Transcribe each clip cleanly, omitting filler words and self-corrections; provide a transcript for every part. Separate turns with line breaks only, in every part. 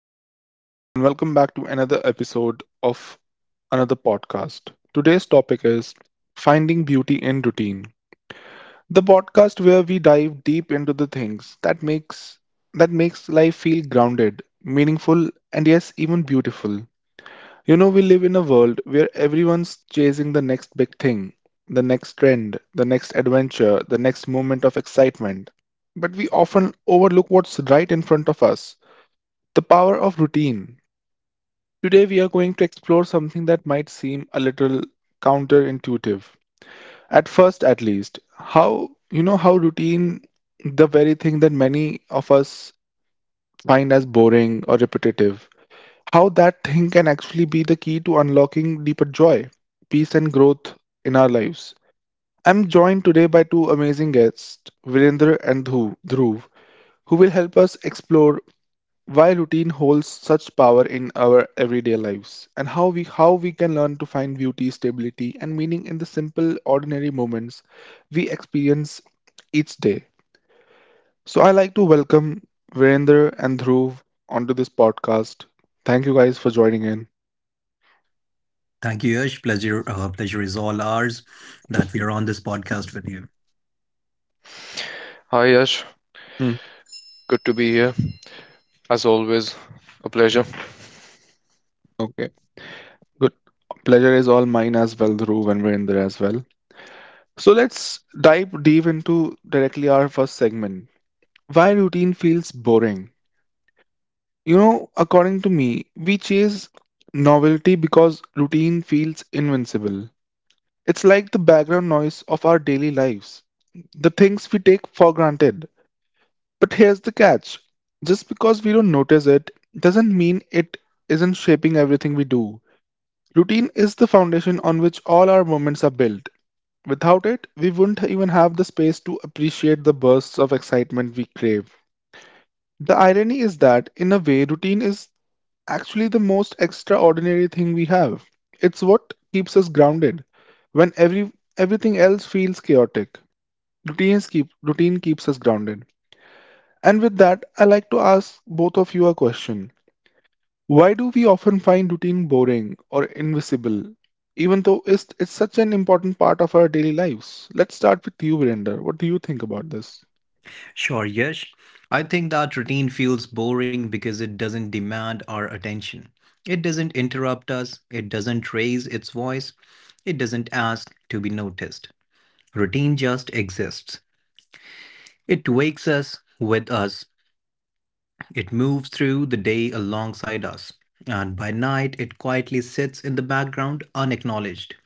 Hey everyone, and welcome back to another episode of another podcast. Today's topic is Finding Beauty in Routine. The podcast where we dive deep into the things that makes life feel grounded, meaningful, and yes, even beautiful. You know, we live in a world where everyone's chasing the next big thing, the next trend, the next adventure, the next moment of excitement. But we often overlook what's right in front of us. The power of routine. Today, we are going to explore something that might seem a little counterintuitive, at first at least. How routine, the very thing that many of us find as boring or repetitive, how that thing can actually be the key to unlocking deeper joy, peace, and growth in our lives. I'm joined today by two amazing guests, Virendra and Dhruv, who will help us explore why routine holds such power in our everyday lives and how we can learn to find beauty, stability, and meaning in the simple, ordinary moments we experience each day. So I like to welcome Virender and Dhruv onto this podcast. Thank you guys for joining in.
Thank you, Yash. Pleasure is all ours that we are on this podcast with you.
Hi Yash,
Hmm,
good to be here. As always, a pleasure.
okay, good. Pleasure is all mine as well, Dhruv and Virender as well. So let's dive deep into directly our first segment, why routine feels boring. You know, according to me, we chase novelty because routine feels invincible. It's like the background noise of our daily lives, the things we take for granted. But here's the catch: just because we don't notice it doesn't mean it isn't shaping everything we do. Routine is the foundation on which all our moments are built. Without it, we wouldn't even have the space to appreciate the bursts of excitement we crave. The irony is that, in a way, routine is actually the most extraordinary thing we have. It's what keeps us grounded. When everything else feels chaotic, routine keeps us grounded. And with that, I like to ask both of you a question. Why do we often find routine boring or invisible, even though it's such an important part of our daily lives? Let's start with you, Virender. What do you think about this?
Sure, Yash. I think that routine feels boring because it doesn't demand our attention. It doesn't interrupt us. It doesn't raise its voice. It doesn't ask to be noticed. Routine just exists. It wakes us with us. It moves through the day alongside us. And by night, it quietly sits in the background unacknowledged.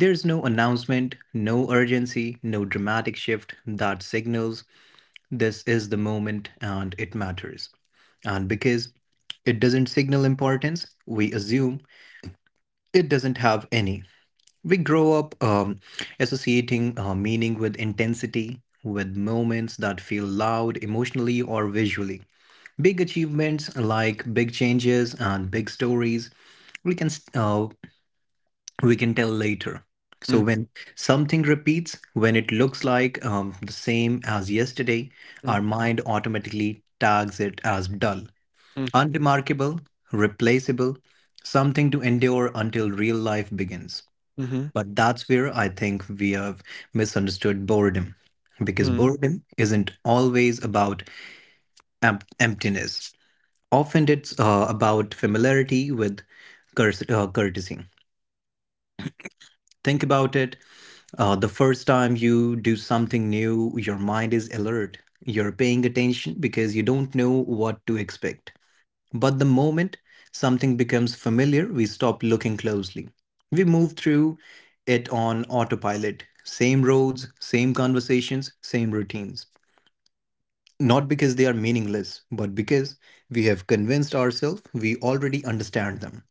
There's no announcement, no urgency, no dramatic shift that signals this is the moment and it matters. And because it doesn't signal importance, we assume it doesn't have any. We grow up associating meaning with intensity, with moments that feel loud emotionally or visually. Big achievements like big changes and big stories, we can uh, we can tell later. So
Mm,
when something repeats, when it looks like the same as yesterday,
mm,
our mind automatically tags it as dull,
mm,
unremarkable, replaceable, something to endure until real life begins.
mhm,
But that's where I think we have misunderstood boredom. Because
mm,
boredom isn't always about emptiness. Often it's about familiarity with courtesy. Think about it. The first time you do something new, your mind is alert. You're paying attention because you don't know what to expect. But the moment something becomes familiar, we stop looking closely. We move through it on autopilot. Same roads, same conversations, same routines. Not because they are meaningless, but because we have convinced ourselves we already understand them.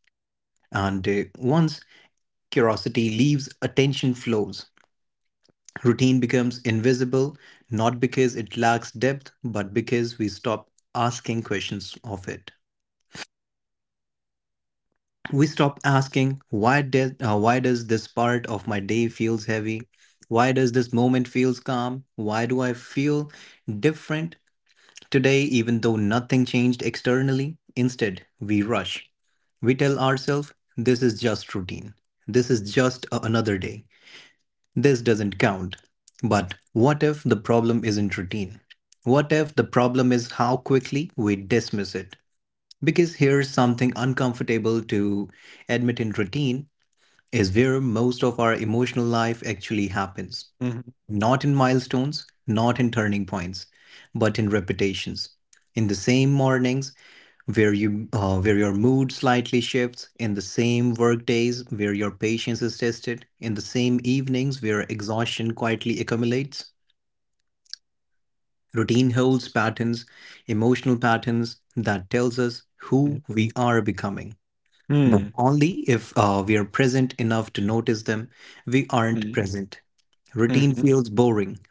And once curiosity leaves, attention flows. Routine becomes invisible, not because it lacks depth, but because we stop asking questions of it. We stop asking, why does this part of my day feels heavy? Why does this moment feels calm? Why do I feel different today even though nothing changed externally? Instead, we rush. We tell ourselves, this is just routine. This is just a- another day. This doesn't count. But what if the problem isn't routine? What if the problem is how quickly we dismiss it? Because here's something uncomfortable to admit in routine is where most of our emotional life actually happens,
mhm,
not in milestones, not in turning points, but in repetitions. In the same mornings where your mood slightly shifts, in the same work days where your patience is tested, in the same evenings where exhaustion quietly accumulates. Routine holds patterns, emotional patterns that tells us
mm,
who we are becoming. But
mm,
only if we are present enough to notice them, we aren't
mm,
present. Routine
mhm,
feels boring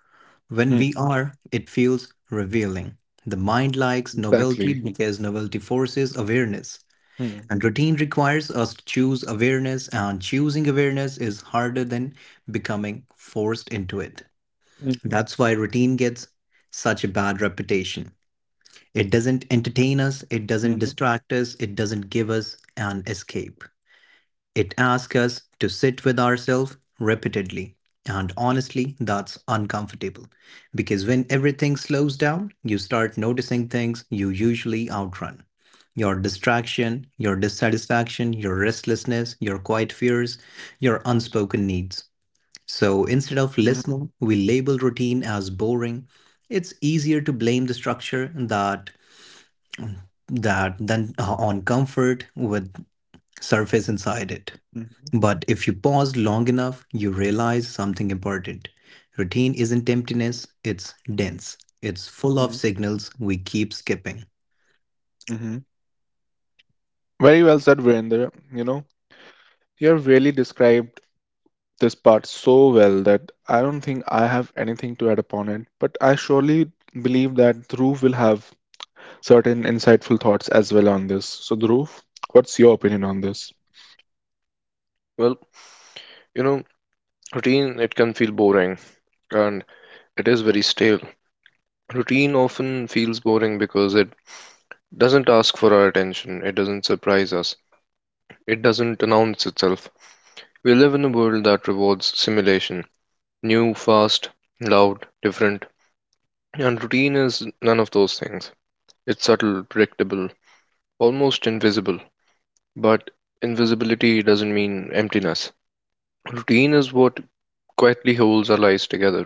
when
mm,
we are, it feels revealing. The mind likes novelty
exactly.
because novelty forces awareness.
Mm.
And routine requires us to choose awareness, and choosing awareness is harder than becoming forced into it. That's why routine gets such a bad reputation. It doesn't entertain us, it doesn't
Mhm,
distract us, it doesn't give us an escape. It asks us to sit with ourselves repeatedly. And honestly, that's uncomfortable. Because when everything slows down, you start noticing things you usually outrun, your distraction, your dissatisfaction, your restlessness, your quiet fears, your unspoken needs. So instead of
mhm,
listening, we label routine as boring. It's easier to blame the structure that than on comfort with surface inside it.
mhm,
But if you pause long enough, you realize something important. Routine isn't emptiness, it's
mhm,
dense. It's full of signals we keep skipping.
mhm. Very well said, Virender. You know, you have really described this part so well that I don't think I have anything to add upon it. But I surely believe that Dhruv will have certain insightful thoughts as well on this. So, Dhruv, what's your opinion on this?
Well, you know, routine it can feel boring and it is very stale. Routine often feels boring because it doesn't ask for our attention, it doesn't surprise us, it doesn't announce itself. We live in a world that rewards simulation new, fast, loud, different, and routine is none of those things. It's subtle, predictable, almost invisible, but invisibility doesn't mean emptiness. Routine is what quietly holds our lives together.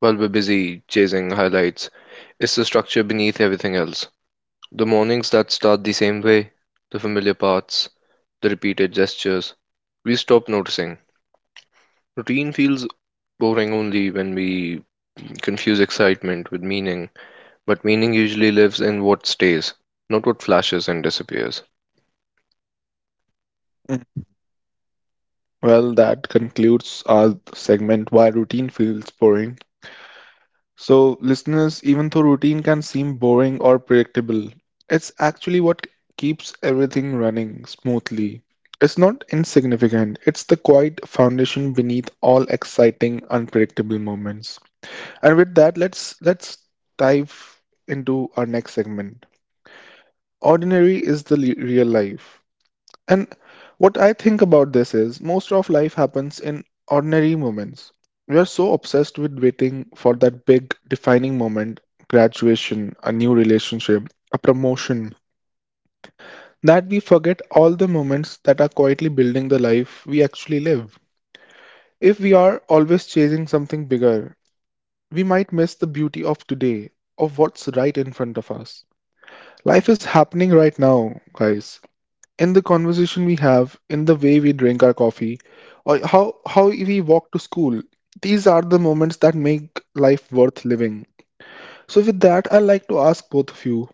While we're busy chasing highlights, it's the structure beneath everything else. The mornings that start the same way, the familiar paths, the repeated gestures, we stop noticing. Routine feels boring only when we confuse excitement with meaning, but meaning usually lives in what stays, not what flashes and disappears.
Mm. Well, that concludes our segment, Why Routine Feels Boring. So, listeners, even though routine can seem boring or predictable, it's actually what keeps everything running smoothly. It's not insignificant, it's the quiet foundation beneath all exciting, unpredictable moments. And with that, let's dive into our next segment. Ordinary is the real life. And what I think about this is most of life happens in ordinary moments. We are so obsessed with waiting for that big defining moment, graduation, a new relationship, a promotion, that we forget all the moments that are quietly building the life we actually live. If we are always chasing something bigger, we might miss the beauty of today, of what's right in front of us. Life is happening right now, guys. In the conversation we have, in the way we drink our coffee, or how we walk to school. These are the moments that make life worth living. So with that, I like to ask both of you.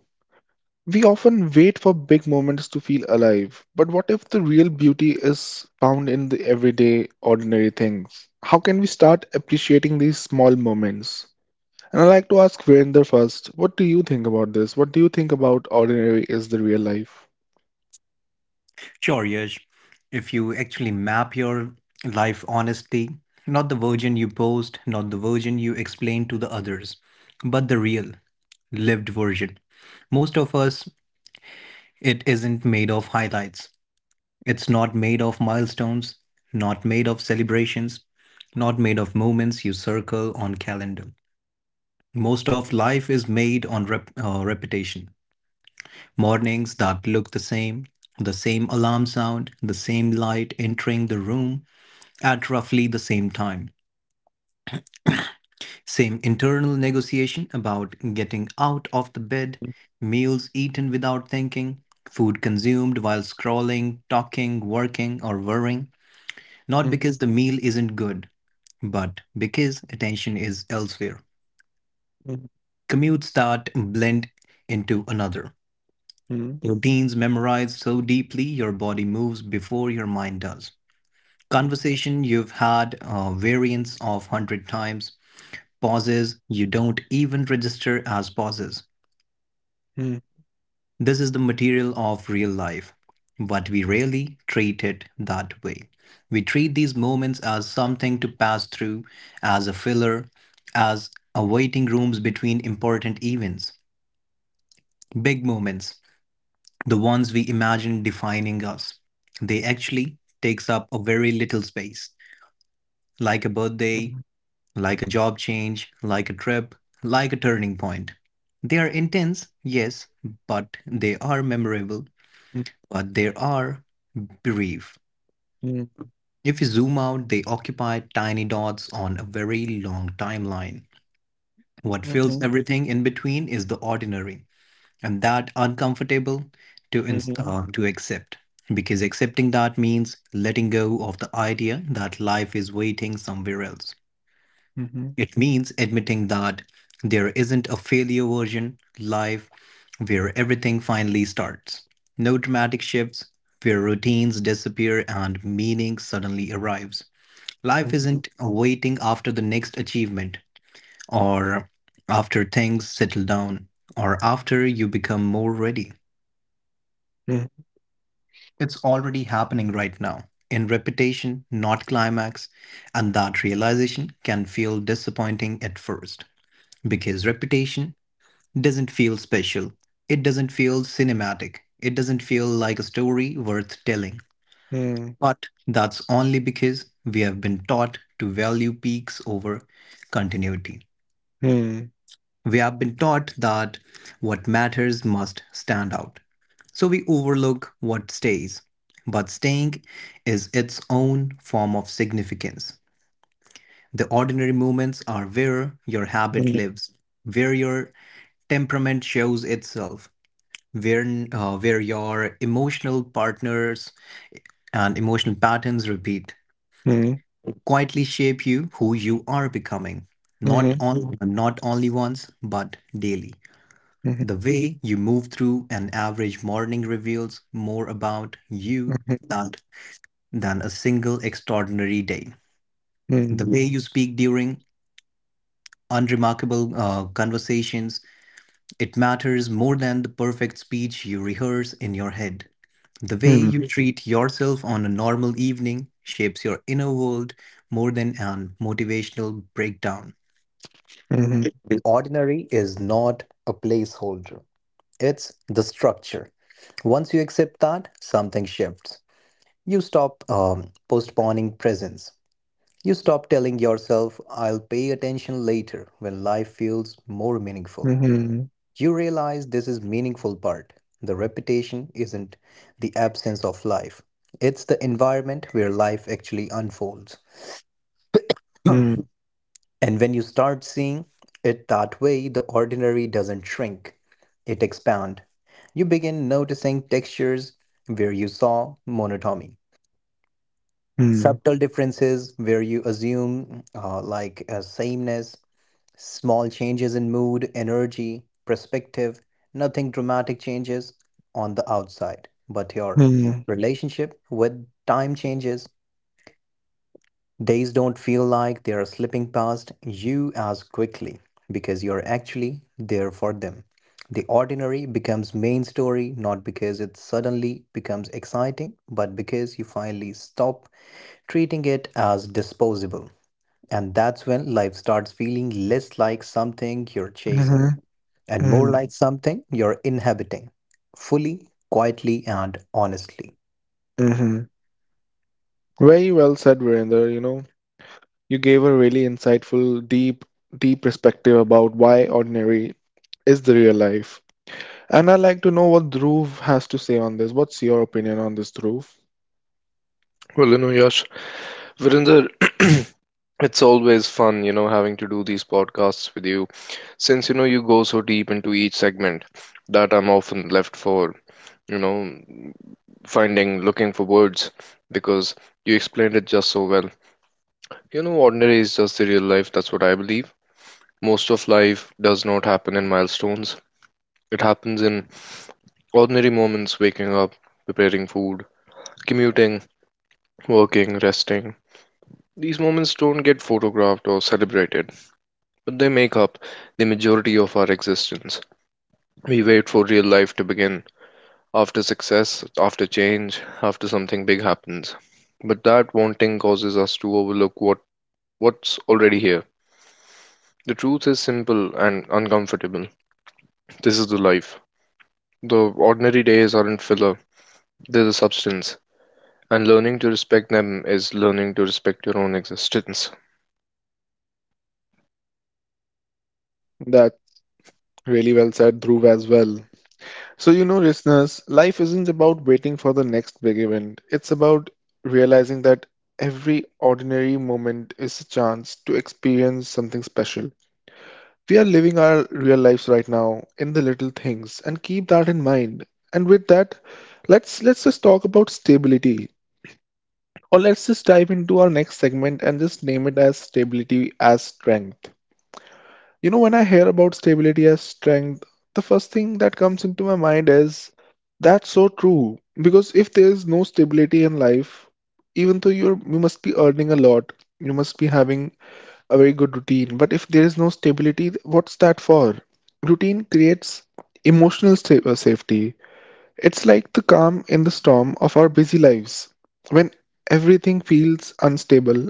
We often wait for big moments to feel alive, but what if the real beauty is found in the everyday, ordinary things? How can we start appreciating these small moments? And I like to ask Virender first. What do you think about this? What do you think about ordinary is the real life?
Sure, Yash. If you actually map your life honestly, not the version you post, not the version you explain to the others, but the real, lived version. Most of us, it isn't made of highlights. It's not made of milestones, not made of celebrations, not made of moments you circle on calendar. Most of life is made on repetition. Mornings that look the same alarm sound, the same light entering the room at roughly the same time. Same internal negotiation about getting out of the bed, meals eaten without thinking, food consumed while scrolling, talking, working, or worrying. Not
Mhm,
because the meal isn't good, but because attention is elsewhere.
mhm,
Commutes that blend into another.
mhm,
Routines memorized so deeply your body moves before your mind does. Conversation you've had variants of 100 times. Pauses you don't even register as pauses. This is the material of real life, but we rarely treat it that way. We treat these moments as something to pass through, as a filler, as awaiting rooms between important events, big moments, the ones we imagine defining us. They actually takes up a very little space, like a birthday,
mhm,
like a job change, like a trip, like a turning point. They are intense, yes, but they are memorable, but there are brief.
mhm, mhm,
If you zoom out, they occupy tiny dots on a very long timeline. What fills everything in between is the ordinary, and that uncomfortable to, ins
mhm,
uh, to accept. Because accepting that means letting go of the idea that life is waiting somewhere else.
mhm, mhm,
It means admitting that there isn't a failure version life where everything finally starts. No dramatic shifts, where routines disappear and meaning suddenly arrives. Life
mhm,
isn't waiting after the next achievement, or after things settle down, or after you become more ready.
mhm,
It's already happening right now, in repetition, not climax, and that realization can feel disappointing at first because repetition doesn't feel special. It doesn't feel cinematic. It doesn't feel like a story worth telling.
mhm,
But that's only because we have been taught to value peaks over continuity.
mhm,
We have been taught that what matters must stand out. So we overlook what stays. But staying is its own form of significance. The ordinary moments are where your habit lives, where your temperament shows itself, where, where your emotional partners and emotional patterns repeat,
mhm,
quietly shape you who you are becoming, not only once, but daily.
mhm, mhm,
The way you move through an average morning reveals more about you that, than a single extraordinary day. The
mhm,
way you speak during unremarkable conversations, it matters more than the perfect speech you rehearse in your head. The way
mhm,
you treat yourself on a normal evening shapes your inner world more than an motivational breakdown.
mhm, mhm,
The ordinary is not a placeholder. It's the structure. Once you accept that, something shifts. You stop postponing presence. You stop telling yourself, I'll pay attention later when life feels more
mhm,
meaningful.
mhm, mhm,
You realize this is meaningful part. The repetition isn't the absence of life. It's the environment where life actually unfolds.
mhm,
And when you start seeing it that way, the ordinary doesn't shrink, it expands. You begin noticing textures where you saw monotony, subtle differences where you assume like a sameness, small changes in mood, energy, perspective, nothing dramatic changes on the outside, but your relationship with time changes. Days don't feel like they are slipping past you as quickly because you're actually there for them. The ordinary becomes main story not because it suddenly becomes exciting, but because you finally stop treating it as disposable. And that's when life starts feeling less like something you're chasing and more like something you're inhabiting fully, quietly, and honestly.
mhm, mhm. Very well said, Virender. You know, you gave a really insightful, deep, deep perspective about why ordinary is the real life. And I'd like to know what Dhruv has to say on this. What's your opinion on this, Dhruv?
Well, you know, Yash, Virinder, it's always fun, you know, having to do these podcasts with you, since you know you go so deep into each segment that I'm often left for, you know, finding, looking for words because you explained it just so well. You know, ordinary is just the real life, that's what I believe. Most of life does not happen in milestones, it happens in ordinary moments waking up, preparing food, commuting, working, resting. These moments don't get photographed or celebrated. They make up the majority of our existence. We wait for real life to begin, after success, after change, after something big happens. But that wanting causes us to overlook what's already here. The truth is simple and uncomfortable. This is the life. The ordinary days aren't filler, they're the substance. And learning to respect them is learning to respect your own existence.
That's really well said, Dhruv, as well. So, you know, listeners, life isn't about waiting for the next big event. It's about realizing that every ordinary moment is a chance to experience something special. We are living our real lives right now in the little things, and keep that in mind. And with that, let's just talk about stability. Or let's just dive into our next segment and just name it as stability as strength. You know, when I hear about stability as strength, the first thing that comes into my mind is that's so true. Because if there is no stability in life, even though you must be earning a lot, you must be having a very good routine. But if there is no stability, what's that for? Routine creates emotional safety. It's like the calm in the storm of our busy lives. When everything feels unstable,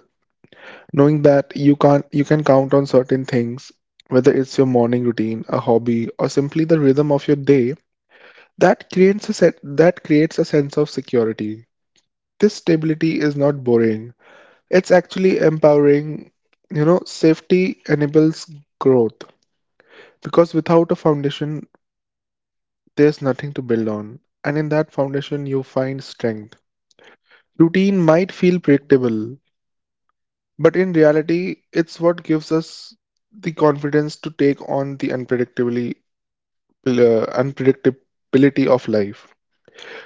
knowing that you can't you can count on certain things, whether it's your morning routine, a hobby, or simply the rhythm of your day, that creates a sense of security. This stability is not boring, it's actually empowering. You know, safety enables growth, because without a foundation, there's nothing to build on, and in that foundation you find strength. Routine might feel predictable, but in reality, it's what gives us the confidence to take on the unpredictably uh, unpredictability of life.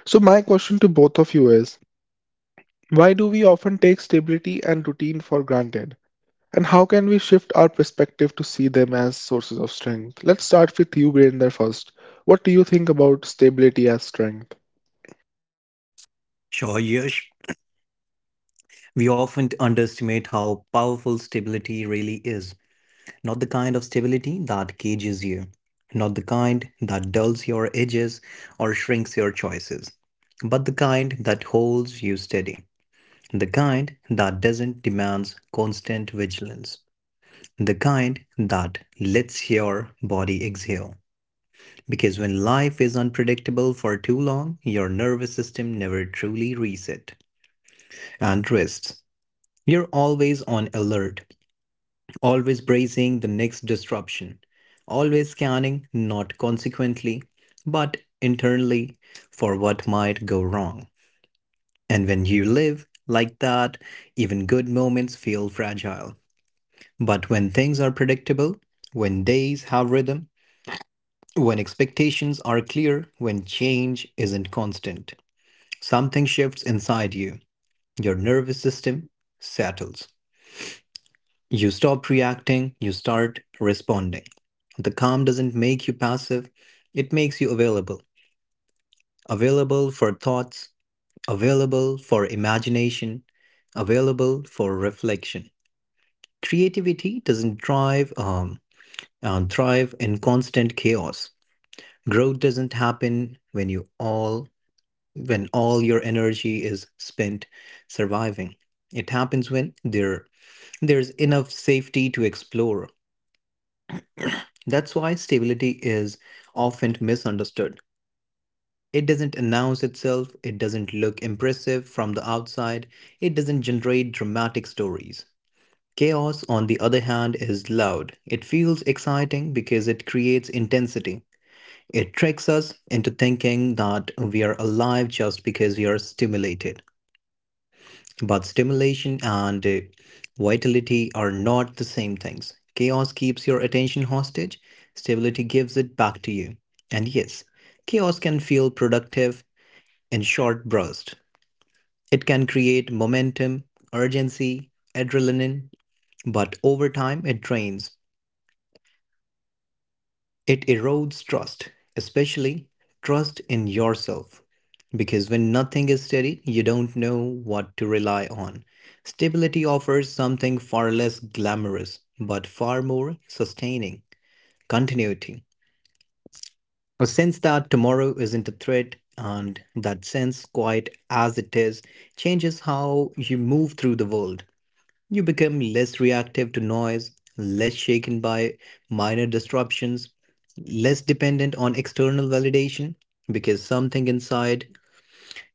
So my question to both of you is, why do we often take stability and routine for granted? And how can we shift our perspective to see them as sources of strength? Let's start with you, Virender, first. What do you think about stability as strength?
Sure, Yash. We often underestimate how powerful stability really is. Not the kind of stability that cages you, not the kind that dulls your edges or shrinks your choices, but the kind that holds you steady, the kind that doesn't demand constant vigilance, the kind that lets your body exhale. Because when life is unpredictable for too long, your nervous system never truly resets and rests. You're always on alert, always bracing the next disruption, always scanning not consequently, but internally for what might go wrong. And when you live like that, even good moments feel fragile. But when things are predictable, when days have rhythm, when expectations are clear, when change isn't constant, something shifts inside you. Your nervous system settles. You stop reacting, you start responding. The calm doesn't make you passive, it makes you available. Available for thoughts, available for imagination, available for reflection. Creativity doesn't thrive in constant chaos. Growth doesn't happen when all your energy is spent surviving. It happens when there's enough safety to explore. That's why stability is often misunderstood. It doesn't announce itself, it doesn't look impressive from the outside, it doesn't generate dramatic stories. Chaos, on the other hand, is loud. It feels exciting because it creates intensity. It tricks us into thinking that we are alive just because we are stimulated. But stimulation and vitality are not the same things. Chaos keeps your attention hostage, stability gives it back to you. And yes, chaos can feel productive in short bursts. It can create momentum, urgency, adrenaline, but over time it drains. It erodes trust, especially trust in yourself. Because when nothing is steady, you don't know what to rely on. Stability offers something far less glamorous, but far more sustaining continuity. A sense that tomorrow isn't a threat, and that sense, quiet as it is, changes how you move through the world. You become less reactive to noise, less shaken by minor disruptions, less dependent on external validation because something inside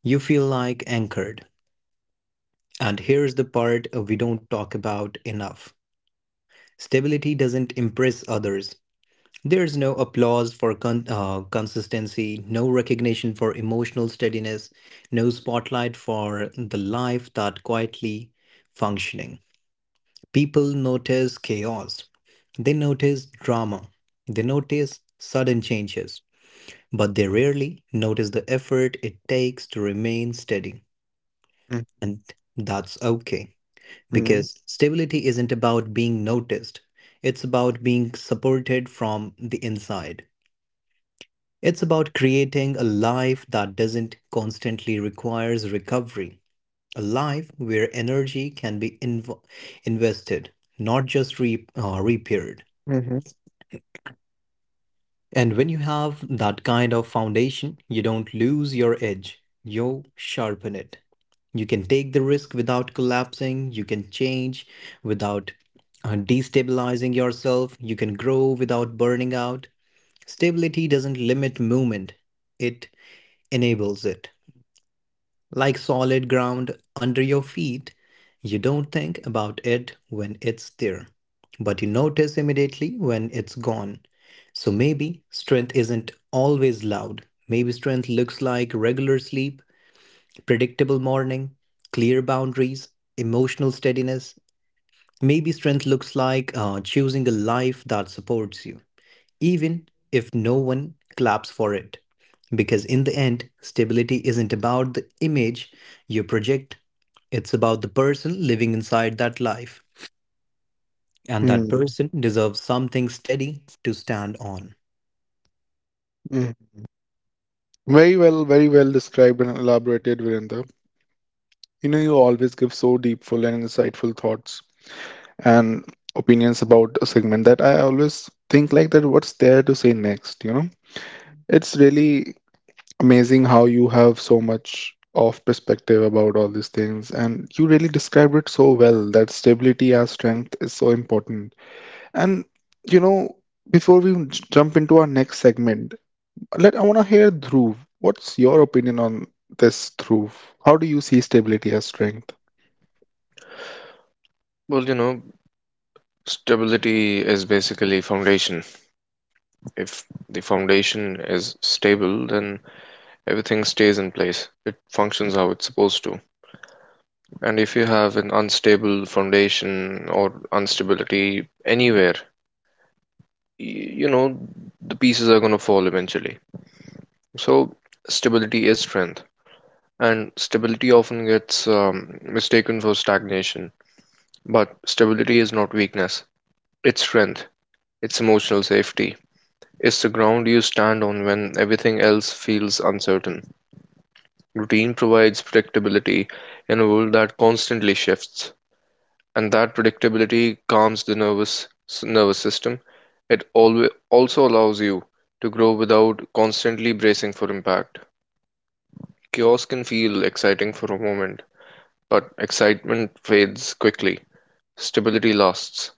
you feel like anchored. And here's the part we don't talk about enough, stability doesn't impress others. There's no applause for consistency, no recognition for emotional steadiness, no spotlight for the life that quietly functioning. People notice chaos, they notice drama, they notice sudden changes, but they rarely notice the effort it takes to remain steady. And that's okay,
Mm-hmm.
because stability isn't about being noticed, it's about being supported from the inside. It's about creating a life that doesn't constantly requires recovery, a life where energy can be invested, not just repaired.
Mm-hmm.
And when you have that kind of foundation, you don't lose your edge, you sharpen it. You can take the risk without collapsing, you can change without destabilizing yourself, you can grow without burning out. Stability doesn't limit movement, it enables it like solid ground under your feet. You don't think about it when it's there, but you notice immediately when it's gone. So maybe strength isn't always loud. Maybe strength looks like regular sleep, predictable morning, clear boundaries, emotional steadiness. Maybe strength looks like choosing a life that supports you even if no one claps for it. Because in the end, stability isn't about the image you project, it's about the person living inside that life. And that
Mm-hmm.
person deserves something steady to stand on.
Very well described and elaborated, Virender. You know, you always give so deep, full, and insightful thoughts and opinions about a segment that I always think like that what's there to say next, you know? It's really amazing how you have so much of perspective about all these things and you really described it so well that stability as strength is so important. And you know, before we jump into our next segment, let I want to hear Dhruv. What's your opinion on this, Dhruv? How do you see stability as strength?
Well, you know, stability is basically foundation. If the foundation is stable, then everything stays in place. It functions how it's supposed to. And if you have an unstable foundation or instability anywhere, you know, the pieces are going to fall eventually. So, stability is strength. And stability often gets mistaken for stagnation. But stability is not weakness, it's strength, it's emotional safety. It's the ground you stand on when everything else feels uncertain. Routine provides predictability in a world that constantly shifts. And that predictability calms the nervous system. It alwa also allows you to grow without constantly bracing for impact. Chaos can feel exciting for a moment, but excitement fades quickly. Stability lasts,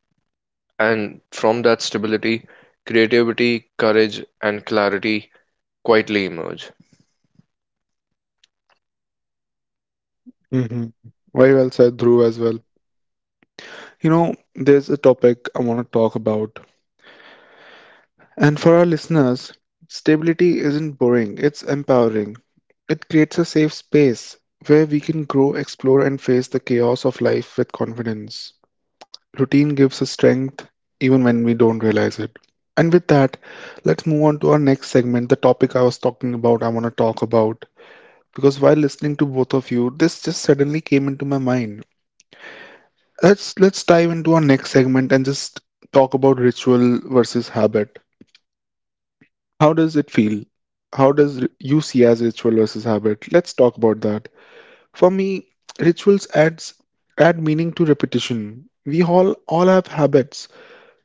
and from that stability, creativity, courage, and clarity quietly emerge.
Mhm. Very well said, Dhruv, as well. You know, there's a topic I want to talk about. And for our listeners, stability isn't boring, it's empowering. It creates a safe space where we can grow, explore, and face the chaos of life with confidence. Routine gives us strength even when we don't realize it. And with that, let's move on to our next segment, the topic I was talking about, I want to talk about. Because while listening to both of you, this just suddenly came into my mind. Let's dive into our next segment and just talk about ritual versus habit. How does it feel? How does you see as ritual versus habit? Let's talk about that. For me, rituals add meaning to repetition. We all have habits,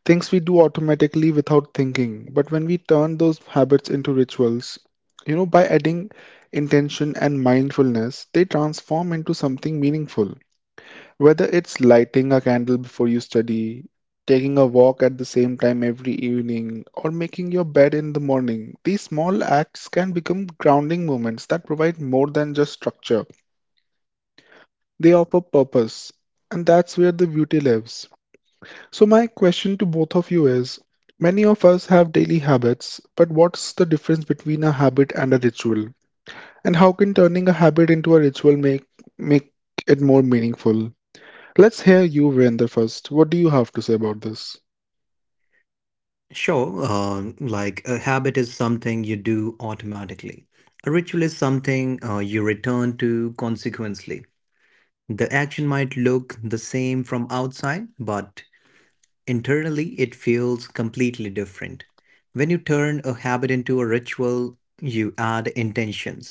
things we do automatically without thinking, but when we turn those habits into rituals, you know, by adding intention and mindfulness, they transform into something meaningful. Whether it's lighting a candle before you study, taking a walk at the same time every evening, or making your bed in the morning, these small acts can become grounding moments that provide more than just structure. They offer purpose, and that's where the beauty lives. So, my question to both of you is, many of us have daily habits, but what's the difference between a habit and a ritual? And how can turning a habit into a ritual make it more meaningful? Let's hear you, Virender, first. What do you have to say about this?
Sure, like a habit is something you do automatically. A ritual is something you return to consequently. The action might look the same from outside, but internally, it feels completely different. When you turn a habit into a ritual, you add intentions,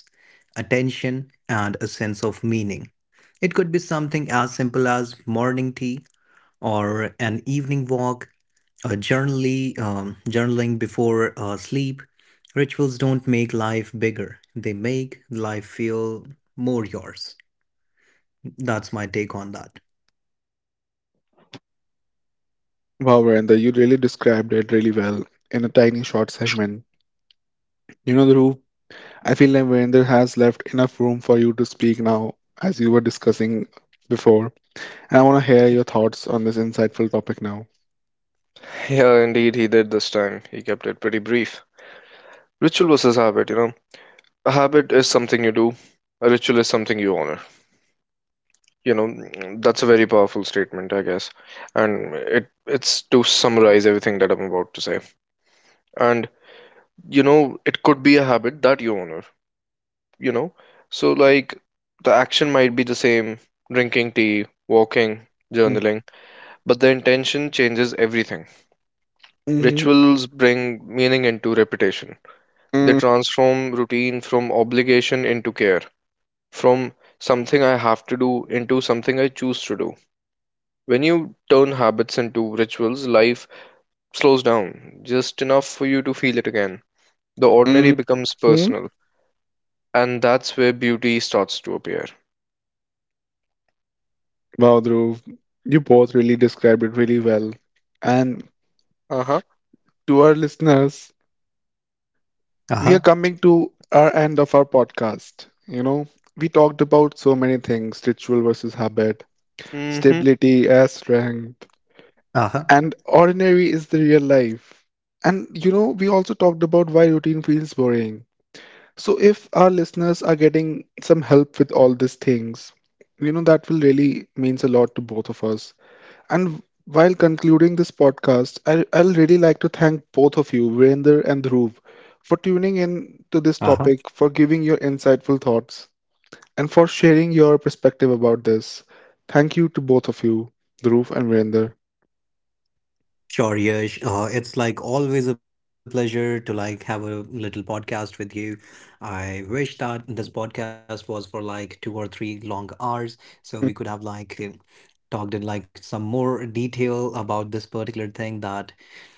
attention, and a sense of meaning. It could be something as simple as morning tea or an evening walk, journaling before sleep. Rituals don't make life bigger, they make life feel more yours. That's my take on that.
Wow, Virender, you really described it really well in a tiny short segment. You know, Dhruv, I feel like Virender has left enough room for you to speak now, as you were discussing before. And I want to hear your thoughts on this insightful topic now.
Yeah, indeed, he did this time. He kept it pretty brief. Ritual was his habit, you know. A habit is something you do. A ritual is something you honor. You know, that's a very powerful statement, I guess. And it's to summarize everything that I'm about to say. And you know, it could be a habit that you honor, you know? So like the action might be the same, drinking tea, walking,
Mm.
journaling, but the intention changes everything.
Mm,
Rituals bring meaning into repetition. They
mm.
transform routine from obligation into care, from something I have to do into something I choose to do. When you turn habits into rituals, life slows down just enough for you to feel it again. The ordinary
Hmm.
becomes personal, and that's where beauty starts to appear.
Wow, Dhruv, you both really described it really well. And
Uh huh.
to our listeners,
Uh huh.
we are coming to our end of our podcast. You know, we talked about so many things: ritual versus habit,
Mm hmm.
stability as strength,
Uh
and ordinary is the real life. And you know, we also talked about why routine feels boring. So, if our listeners are getting some help with all these things, you know, that will really means a lot to both of us. And while concluding this podcast, I'll really like to thank both of you, Virender and Dhruv, for tuning in to this
huh.
topic, for giving your insightful thoughts, and for sharing your perspective about this. Thank you to both of you, Dhruv and Virender.
Sure, Yash. It's like always a pleasure to like have a little podcast with you. I wish that this podcast was for like 2 or 3 long hours, so we could have like talked in like some more detail about this particular thing that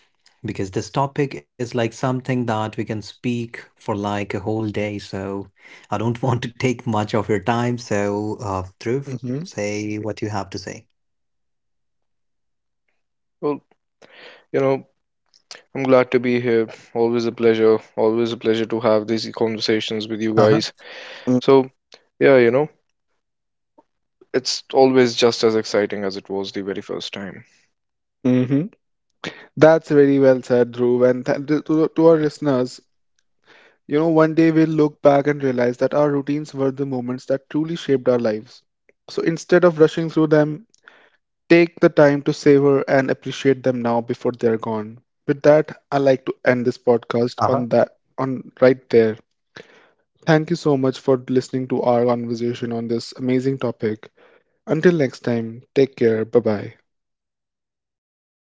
because this topic is like something that we can speak for like a whole day. So I don't want to take much of your time. So, Dhruv,
Mm-hmm.
say what you have to say.
Well, you know, I'm glad to be here. Always a pleasure. Always a pleasure to have these conversations
Uh-huh.
with you guys. So, yeah, you know, it's always just as exciting as it was the very first time.
Mm-hmm. That's very well said,
Uh-huh.
Dhruv. And to, to our listeners, you know, one day we'll look back and realize that our routines were the moments that truly shaped our lives. So instead of rushing through them, take the time to savor and appreciate them now before they're gone. With that, I like to end this podcast on right there. Thank you so much for listening to our conversation on this amazing topic. Until next time, take care. Bye-bye.